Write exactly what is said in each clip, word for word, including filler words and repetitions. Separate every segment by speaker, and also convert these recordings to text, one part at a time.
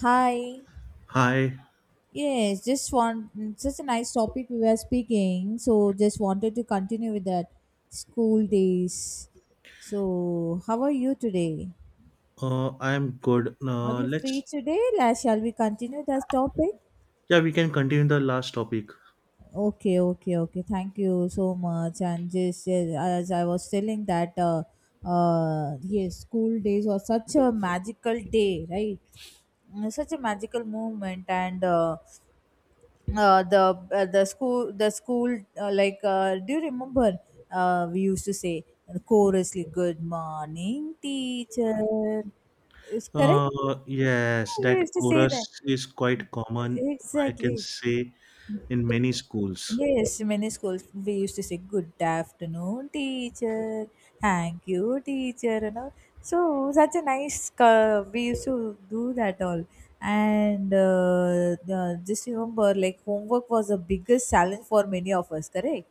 Speaker 1: Hi.
Speaker 2: Hi.
Speaker 1: Yes, just want mm, such a nice topic we were speaking. So just wanted to continue with that school days. So how are you today?
Speaker 2: uh, I'm good.
Speaker 1: Are
Speaker 2: Uh,
Speaker 1: you free
Speaker 2: let's,
Speaker 1: today? Like, shall we continue that topic?
Speaker 2: yeah, we can continue the last topic.
Speaker 1: Okay, okay, okay. Thank you so much. And just yes, as I was telling that, uh, uh, yes, school days was such a magical day, right? Mm, such a magical moment and. Uh, uh, the uh, the school the school uh, like uh, do you remember uh, we used to say chorously good morning teacher is correct.
Speaker 2: Uh, yes,
Speaker 1: Yeah, we
Speaker 2: that
Speaker 1: used to say that.
Speaker 2: chorus is quite common, I can
Speaker 1: Exactly.
Speaker 2: say, in many schools.
Speaker 1: Yes, many schools we used to say good afternoon, teacher, thank you, teacher, and all. So such a nice. Uh, we used to do that all, and uh, the, just remember, like homework was the biggest challenge for many of us. Correct.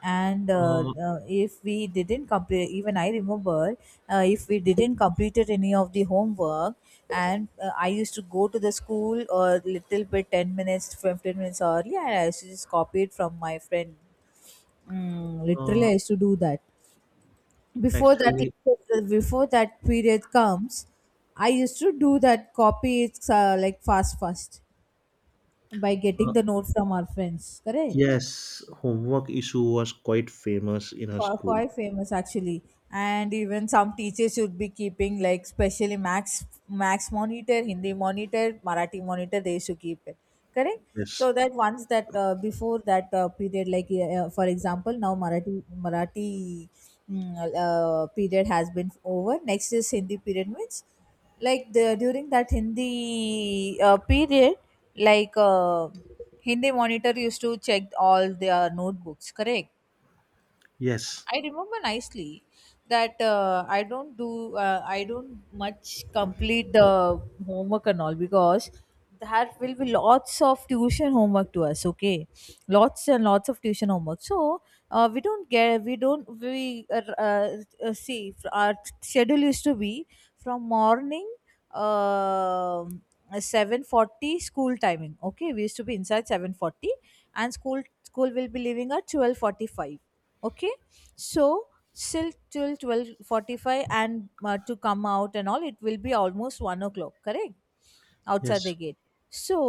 Speaker 1: And uh,
Speaker 2: Uh,
Speaker 1: uh, if we didn't complete, even I remember, uh, if we didn't completed any of the homework, and uh, I used to go to the school a little bit ten minutes fifteen minutes early and I used to just copy it from my friend. mm, literally I
Speaker 2: uh,
Speaker 1: used to do that before that.
Speaker 2: Actually,
Speaker 1: Before that period comes I used to do that, copy it, uh, like fast fast, by getting
Speaker 2: uh,
Speaker 1: the note from our friends, correct.
Speaker 2: yes, homework issue was quite famous in our
Speaker 1: Qu-
Speaker 2: school.
Speaker 1: quite famous actually, and even some teachers should be keeping, like, specially max, max monitor, hindi monitor, marathi monitor, they should keep it, correct.
Speaker 2: Yes,
Speaker 1: So that once that, uh, before that, uh, period, like, uh, for example, now marathi, marathi, mm, uh, period has been over, next is hindi period, means like the during that hindi uh, period, like uh, hindi monitor used to check all their notebooks, correct.
Speaker 2: yes,
Speaker 1: I remember nicely that, uh, I don't do, uh, I don't much complete the homework and all, because there will be lots of tuition homework to us. Okay, lots and lots of tuition homework. So uh, we don't get we don't we uh, uh, uh, see, our schedule used to be from morning. um seven forty school timing, okay, we used to be inside seven forty, and school school will be leaving at twelve forty-five, okay. So still till twelve forty-five, and uh, to come out and all, it will be almost one o'clock. Correct, outside the
Speaker 2: yes,
Speaker 1: gate. So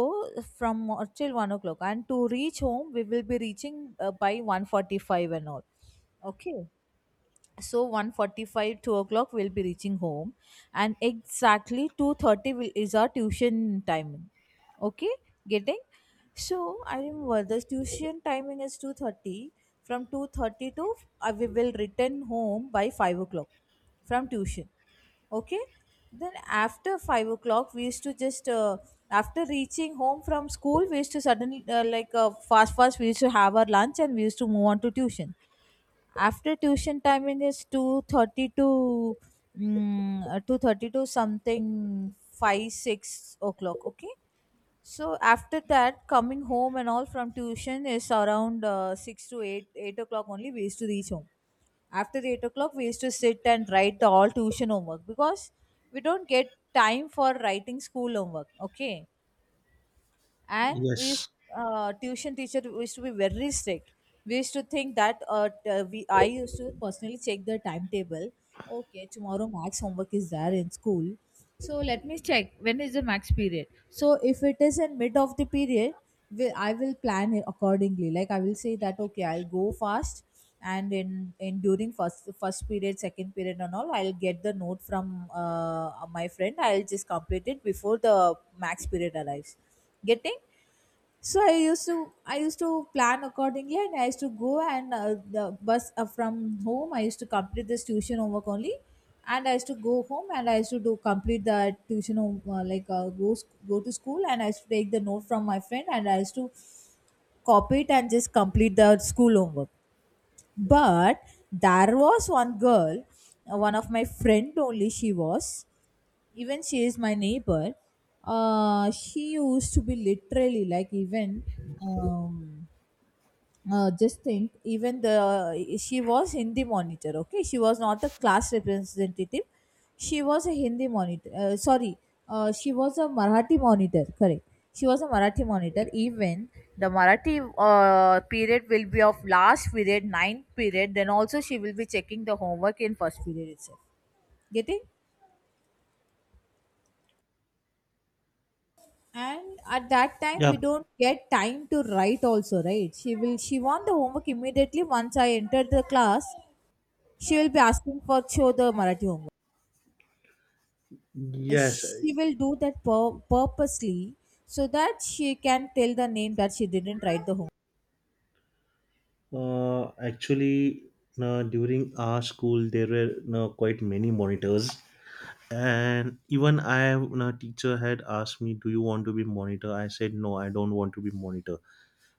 Speaker 1: from uh, till one o'clock, and to reach home, we will be reaching uh, by one forty-five and all. Okay, so one forty-five, two o'clock we'll be reaching home, and exactly two thirty will, is our tuition timing, okay, getting. So I remember the tuition timing is two thirty, from two thirty to, uh, we will return home by five o'clock, from tuition, okay. Then after five o'clock we used to just uh, after reaching home from school, we used to suddenly, uh, like uh, fast fast, we used to have our lunch and we used to move on to tuition. After tuition timing is two thirty to, mm, uh, two thirty to something, five six o'clock, okay. So after that, coming home and all from tuition is around uh, six to eight eight o'clock only we used to reach home. After the eight o'clock we used to sit and write the all tuition homework, because we don't get time for writing school homework, okay. And we used,
Speaker 2: yes,
Speaker 1: uh, tuition teacher used to be very strict. We used to think that, uh, t- uh, we I used to personally check the timetable, okay, tomorrow max homework is there in school, so let me check when is the max period. So if it is in mid of the period, we, I will plan it accordingly, like I will say that okay I'll go fast, and in in during first first period, second period and all, I'll get the note from uh, my friend, I'll just complete it before the max period arrives, getting. So i used to i used to plan accordingly, and I used to go, and uh, the bus, uh, from home I used to complete this tuition homework only, and I used to go home, and I used to do complete the tuition home, uh, like uh, go sc- go to school and I used to take the note from my friend and I used to copy it and just complete the school homework. But there was one girl, uh, one of my friend only, she was, even she is my neighbor. Uh, she used to be literally, like, even um, uh, just think, even the she was hindi monitor, okay, she was not a class representative, she was a hindi monitor, uh, sorry, uh, she was a marathi monitor, correct, she was a marathi monitor. Even the marathi uh, period will be of last period, ninth period, then also she will be checking the homework in first period itself, getting. And at that time
Speaker 2: yeah,
Speaker 1: we don't get time to write also, right, she will she want the homework immediately once I enter the class. She will be asking for show the Marathi homework.
Speaker 2: yes.
Speaker 1: She will do that pur- purposely, so that she can tell the name that she didn't write the homework.
Speaker 2: Uh, actually, uh, during our school, there were uh, quite many monitors, and even I, a teacher had asked me, do you want to be monitor? I said, no, I don't want to be monitor.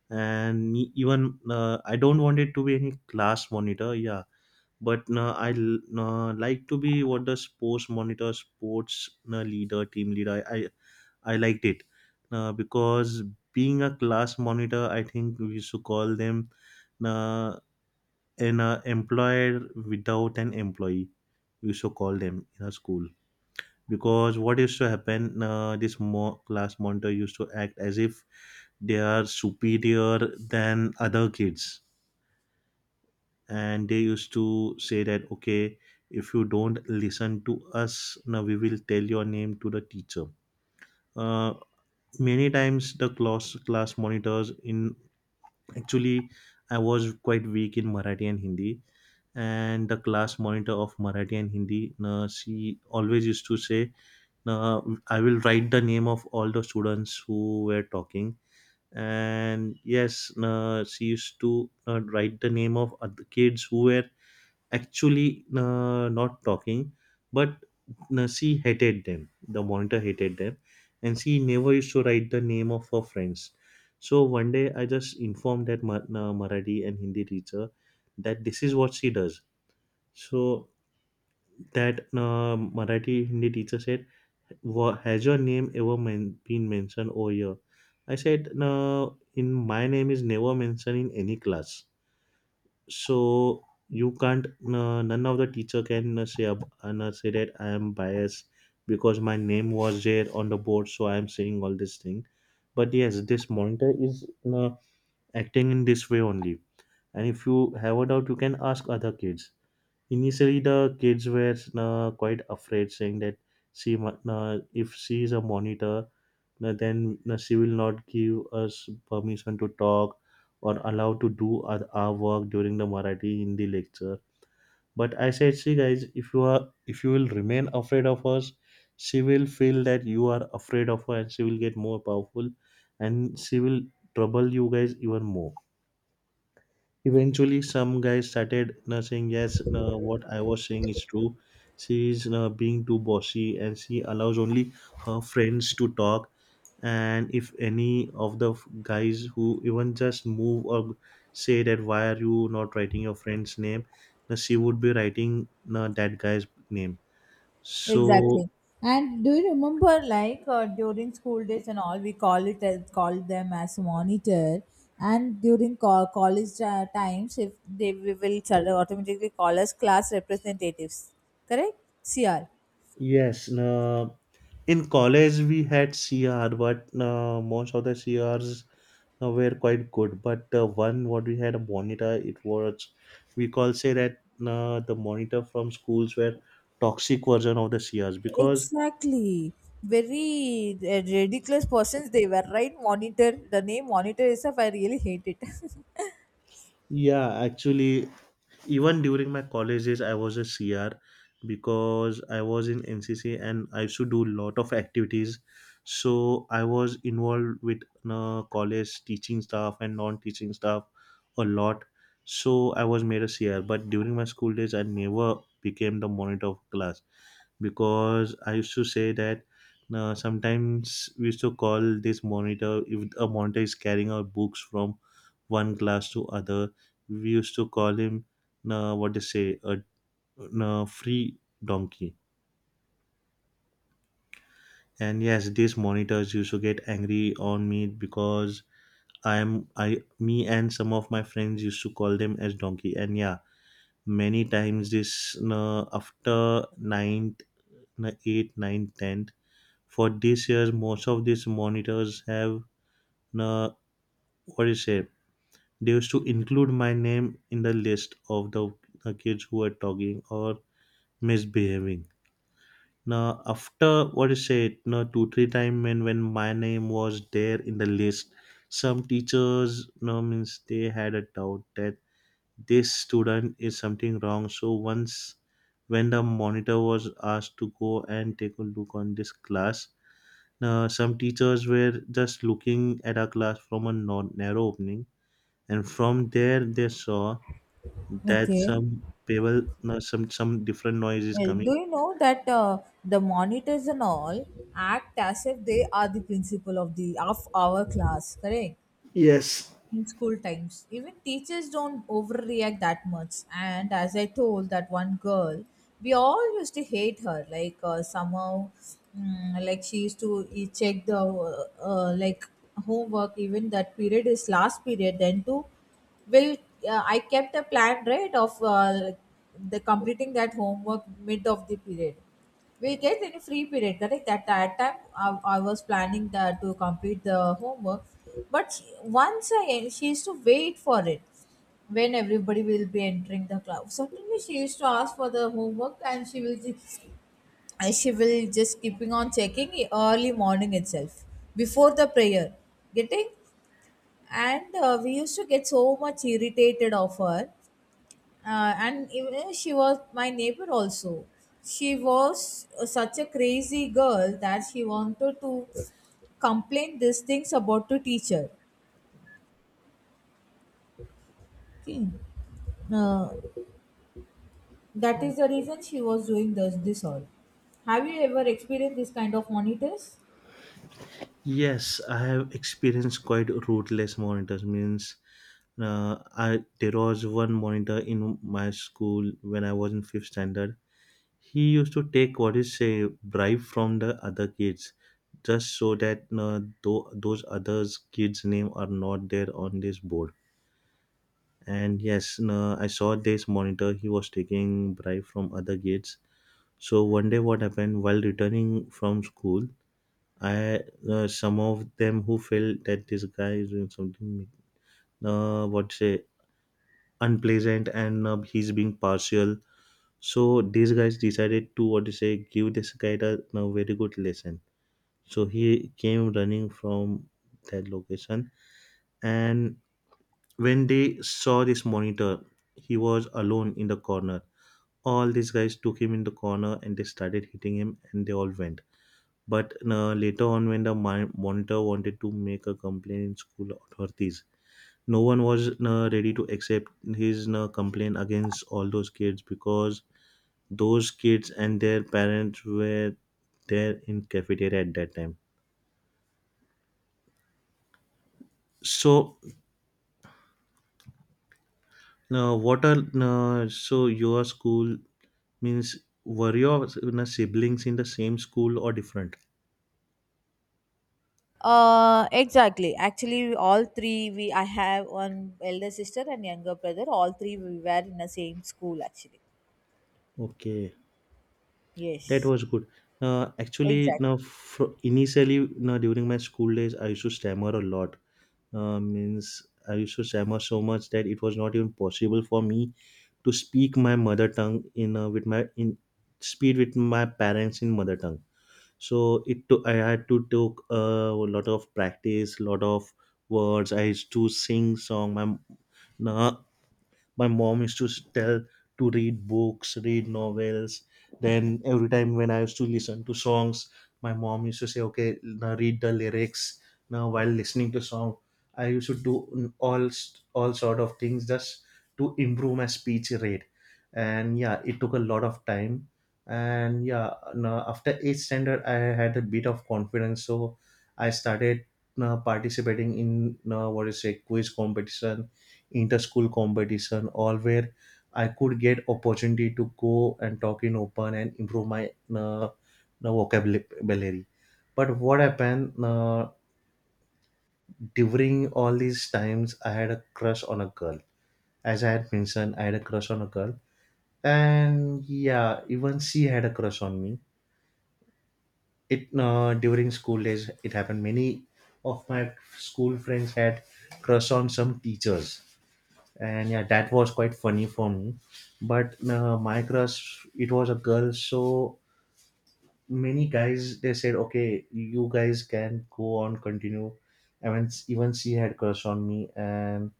Speaker 2: And me- even uh, I don't want it to be any class monitor, yeah. But uh, i l- uh, like to be what, the sports monitor, sports uh, leader, team leader, i i, liked it. Uh, because being a class monitor, I think we should call them uh, an uh, employer without an employee. We should call them in a school, because what used to happen, uh, this mo- class monitor used to act as if they are superior than other kids, and they used to say that, okay, if you don't listen to us now, we will tell your name to the teacher. uh, Many times the class class monitors in... actually, I was quite weak in Marathi and Hindi, and the class monitor of Marathi and Hindi, uh, she always used to say, uh, I will write the name of all the students who were talking. And yes, uh, she used to uh, write the name of other kids who were actually uh, not talking, but uh, she hated them, the monitor hated them, and she never used to write the name of her friends. So one day I just informed that Ma- uh, marathi and Hindi teacher that this is what she does. So that uh, Marathi Hindi teacher said, "Wha- has your name ever men- been mentioned over here?" I said, no, in my name is never mentioned in any class. So you can't, no, none of the teacher can uh, say, ab- and, uh, no, say that I am biased, because my name was there on the board. So I am saying all this thing. But yes, this monitor is uh, acting in this way only. And if you have a doubt, you can ask other kids. Initially, the kids were uh, quite afraid, saying that, see, ma- uh, if she is a monitor, no, then no, she will not give us permission to talk or allow to do our, our work during the Marathi Hindi lecture. But I said, see guys, if you are if you will remain afraid of us, she will feel that you are afraid of her and she will get more powerful, and she will trouble you guys even more. Eventually, some guys started uh, saying, yes, uh, what I was saying is true. She is uh, being too bossy and she allows only her friends to talk. And if any of the f- guys who even just move or say that, why are you not writing your friend's name? uh, She would be writing uh, that guy's name. So,
Speaker 1: Exactly. And do you remember, like, uh, during school days and all, we call it as called them as monitor. And during co- college uh, times, if they we will sort of automatically call us class representatives, correct? C R.
Speaker 2: yes, uh, in college we had C R, but uh, most of the C Rs uh, were quite good. But the one what we had a monitor, it was, we call say that uh, the monitor from schools were toxic version of the C Rs, because
Speaker 1: Exactly. Very uh, ridiculous persons they were, right? Monitor. The name monitor itself, I really hate it.
Speaker 2: yeah, actually even during my college days I was a C R, because I was in N C C and I used to do lot of activities. So I was involved with uh, college teaching staff and non-teaching staff a lot. So I was made a C R, but during my school days I never became the monitor of class, because I used to say that uh, sometimes we used to call this monitor, if a monitor is carrying our books from one class to other, we used to call him uh, what they say, a, a free donkey. And yes, these monitors used to get angry on me because I'm I me and some of my friends used to call them as donkey. And yeah, many times this uh, after ninth, eight, nine, ten, for this year most of these monitors have, uh, what is it, they used to include my name in the list of the uh, kids who are talking or misbehaving. Now, after, what is it, now two three time, when when my name was there in the list, some teachers, no, means they had a doubt that this student is something wrong. So once, when the monitor was asked to go and take a look on this class, Uh, some teachers were just looking at our class from a non- narrow opening, and from there they saw that
Speaker 1: Okay.
Speaker 2: some people, no, some some different noise is
Speaker 1: Well,
Speaker 2: coming.
Speaker 1: do you know that uh, the monitors and all act as if they are the principal of the of our class, correct?
Speaker 2: Yes.
Speaker 1: In school times even teachers don't overreact that much, and as I told that one girl, we all used to hate her, like, uh, somehow, mm, like she used to e- check the uh, uh, like homework, even that period is last period then too will, uh, I kept a plan, right, of uh, the completing that homework, mid of the period we get any free period, correct, at that time I, I was planning that to complete the homework. But she- once again she used to wait for it, when everybody will be entering the class, suddenly she used to ask for the homework, and she will just and she will just keeping on checking early morning itself, before the prayer, getting. And uh, we used to get so much irritated of her, uh, and even she was my neighbor also. She was uh, such a crazy girl that she wanted to complain these things about the teacher, okay. uh, that is the reason she was doing this this all. Have you ever experienced this kind of monitors?
Speaker 2: Yes, I have experienced quite ruthless monitors. Means, uh, I there was one monitor in my school when I was in fifth standard. He used to take, what is say, bribe from the other kids just so that uh, tho- those others kids name are not there on this board. And yes, no, I saw this monitor, he was taking bribe from other kids. So one day what happened, while returning from school, I uh, some of them who felt that this guy is doing something, uh, what say, unpleasant, and uh, he's being partial. So these guys decided to, what to say, give this guy a, a very good lesson. So he came running from that location, and when they saw this monitor, he was alone in the corner, all these guys took him in the corner and they started hitting him and they all went. But uh, later on when the mon- monitor wanted to make a complaint in school authorities, no one was uh, ready to accept his uh, complaint against all those kids, because those kids and their parents were there in cafeteria at that time. So now, what are, uh, so your school, means? Were your s- na, siblings in the same school or different?
Speaker 1: Uh, exactly. Actually, all three we, I have one elder sister and younger brother. All three we were in the same school. Actually,
Speaker 2: Okay, that
Speaker 1: yes,
Speaker 2: was good. Uh, actually, now
Speaker 1: exactly.
Speaker 2: fr- initially, now during my school days, I used to stammer a lot. Uh, means I used to stammer so much that it was not even possible for me to speak my mother tongue in uh, with my, in speed with my parents in mother tongue. So it took I had to took uh, a lot of practice, lot of words. I used to sing song. My my mom used to tell to read books, read novels. Then every time when I used to listen to songs, my mom used to say, okay, now read the lyrics. Now while listening to song, I used to do all all sort of things just to improve my speech rate. And yeah, it took a lot of time. And yeah, now after eighth standard I had a bit of confidence, so I started uh, participating in, uh, what is, a quiz competition, inter-school competition, all where I could get opportunity to go and talk in open and improve my uh, the vocabulary. But what happened uh, during all these times, I had a crush on a girl. As I had mentioned, I had a crush on a girl, and yeah, even she had a crush on me. It uh, during school days, it happened many of my school friends had crush on some teachers. And yeah, that was quite funny for me. But uh, my crush, it was a girl, so many guys they said, okay, you guys can go on continue. I mean, even she had crush on me and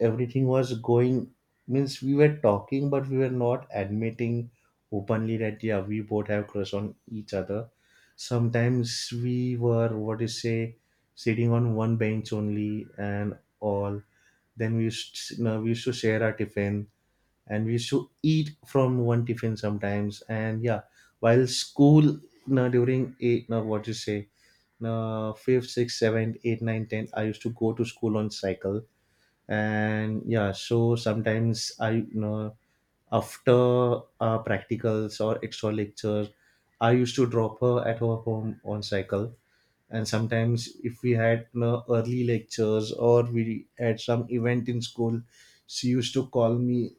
Speaker 2: everything was going, means we were talking, but we were not admitting openly that yeah, we both have crush on each other. Sometimes we were, what is say, sitting on one bench only and all. Then we used, you know, we used to share our tiffin and we used to eat from one tiffin sometimes. And yeah, while school, now during eight, now what you say, now fifth, sixth, seventh, eight, nine, ten, I used to go to school on cycle. And yeah, so sometimes I you know after uh, practicals or extra lectures I used to drop her at her home on cycle. And sometimes if we had, you know, early lectures or we had some event in school, she used to call me,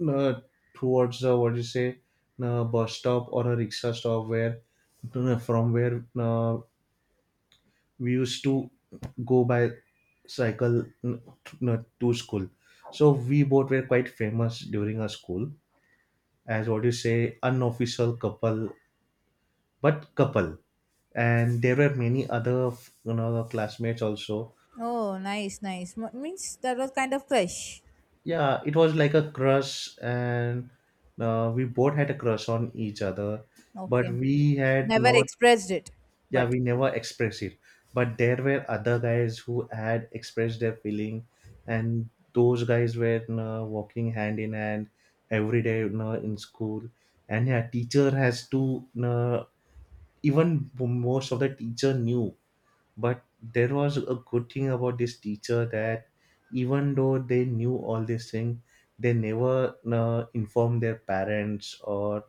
Speaker 2: you know, towards the, what do you say, you know, bus stop or a rickshaw stop, where, you know, from where you know, we used to go by cycle, you know, to school. So we both were quite famous during our school as, what you say, unofficial couple, but couple. And there were many other you know classmates also.
Speaker 1: Oh, nice, nice. M- means that was kind of crush.
Speaker 2: Yeah, it was like a crush, and uh, we both had a crush on each other, but
Speaker 1: Okay.
Speaker 2: we had
Speaker 1: Never
Speaker 2: not...
Speaker 1: expressed it,
Speaker 2: yeah,
Speaker 1: but
Speaker 2: we never expressed it. But there were other guys who had expressed their feeling, and those guys were you know, walking hand in hand every day, you know, In school. And yeah, teacher has to you know, even most of the teacher knew. But there was a good thing about this teacher that even though they knew all these things, they never uh, informed their parents or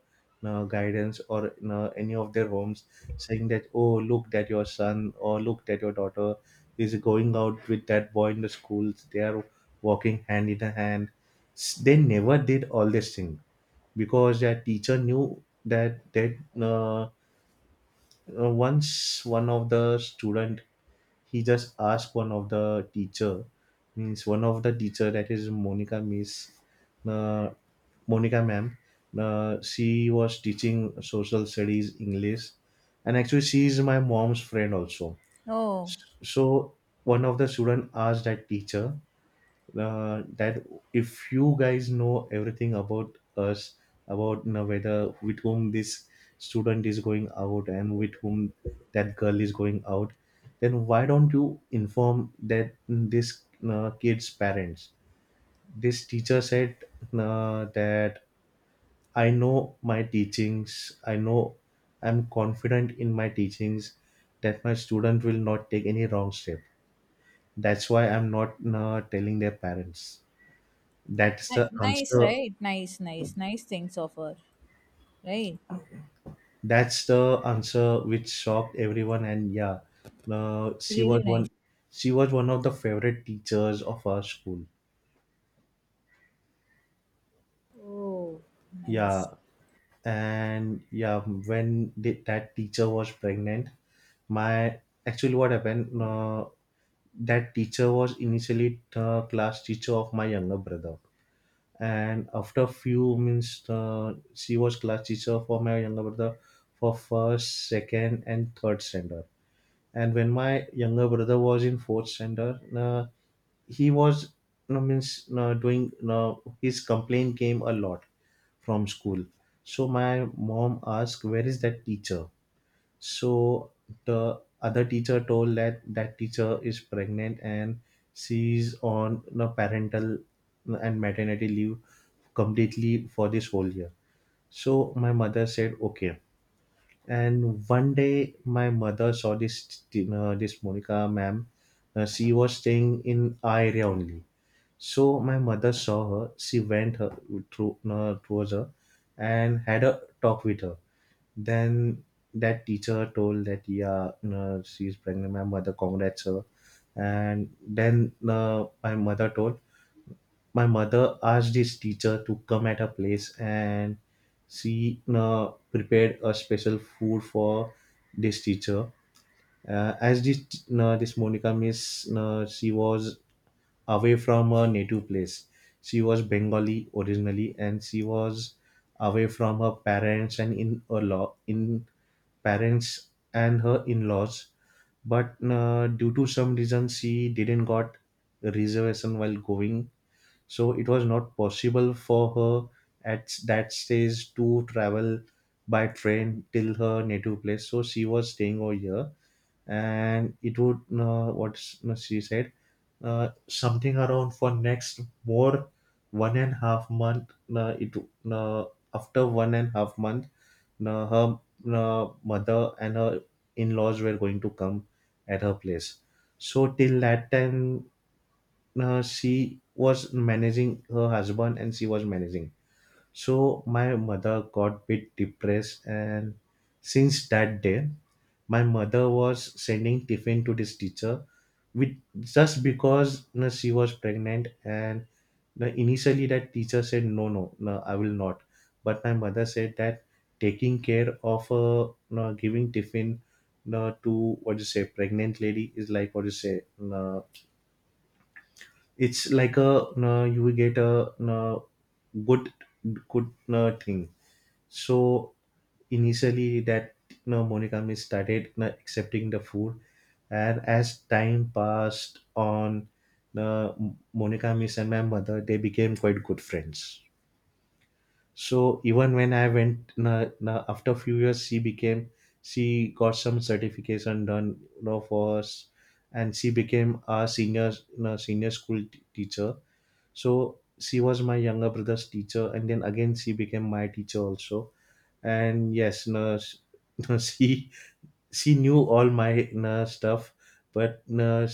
Speaker 2: uh, guidance or uh, any of their homes, saying that oh look that your son or look that your daughter is going out with that boy in the schools, they are walking hand in hand. S- they never did all this thing because their teacher knew that that uh, uh, once one of the student, he just asked one of the teacher, means one of the teacher, that is Monica miss, uh, Monica ma'am. Uh, she was teaching social studies English, and actually she is my mom's friend also.
Speaker 1: oh,
Speaker 2: So one of the student asked that teacher uh, that if you guys know everything about us, about you know, whether with whom this student is going out and with whom that girl is going out, then why don't you inform that mm, this uh, kid's parents. This teacher said uh, that I know my teachings, I know I'm confident in my teachings that my student will not take any wrong step. That's why I'm not uh, telling their parents. That's
Speaker 1: ni-
Speaker 2: the
Speaker 1: nice,
Speaker 2: answer.
Speaker 1: right? Nice, nice, nice things of her, right?
Speaker 2: That's the answer which shocked everyone. And yeah, uh, she
Speaker 1: Really
Speaker 2: was
Speaker 1: nice.
Speaker 2: one. She was one of the favorite teachers of our school.
Speaker 1: Oh, nice.
Speaker 2: Yeah, and yeah, when the, that teacher was pregnant, my actually what happened? Uh, that teacher was initially the class teacher of my younger brother, and after few means uh, she was class teacher for my younger brother for first, second and third standard. And when my younger brother was in fourth standard, uh, he was no means no, doing no, his complaint came a lot from school. So my mom asked where is that teacher. So the other teacher told that that teacher is pregnant and she's on no parental and maternity leave completely for this whole year. So my mother said okay. And one day, my mother saw this uh, this Monica ma'am. Uh, she was staying in our area only. So my mother saw her. She went her, through uh, towards her, and had a talk with her. Then that teacher told that yeah, uh, she's pregnant. My mother congrats her, and then uh, my mother told my mother asked his teacher to come at her place, and she uh, prepared a special food for this teacher uh, as this uh, this Monica miss, uh, she was away from her native place. She was Bengali originally, and she was away from her parents and in a law in parents and her in-laws. But uh, due to some reason she didn't got reservation while going, so it was not possible for her at that stage to travel by train till her native place, so she was staying over here. And it would uh, what she said uh, something around for next more one and half month. Uh, it uh, After one and half month, uh, her uh, mother and her in-laws were going to come at her place. So till that time uh, she was managing her husband and she was managing. So my mother got bit depressed, and since that day, my mother was sending tiffin to this teacher, with just because you know, she was pregnant. And you know, initially that teacher said no, no, no, I will not. But my mother said that taking care of uh, you know, giving tiffin you know, to what you say pregnant lady is like what you say you know, it's like a uh, you will get a uh, good good uh, thing. So initially that you know, monogamy started you know, accepting the food. And as time passed on, uh, monogamy and my mother, they became quite good friends. So even when I went, you know, after a few years she became, she got some certification done you know, for us, and she became a senior, you senior school t- teacher. So she was my younger brother's teacher, and then again she became my teacher also. And yes, no, sh- no, she she knew all my no, stuff, but no,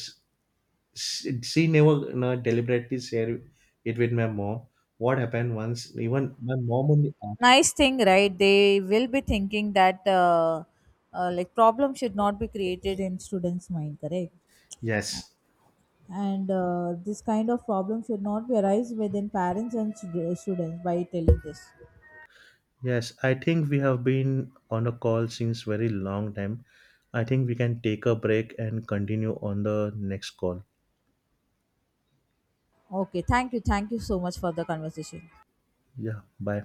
Speaker 2: she, she never no, deliberately shared it with my mom. What happened once? Even my mom only asked.
Speaker 1: Nice thing, right? They will be thinking that, uh, uh, like problem should not be created in students' mind, correct?
Speaker 2: Yes,
Speaker 1: And uh, this kind of problem should not be arise within parents and stud- students by telling this.
Speaker 2: yes. I think we have been on a call since very long time. I think we can take a break and continue on the next call.
Speaker 1: Okay, thank you, thank you so much for the conversation.
Speaker 2: Yeah, bye.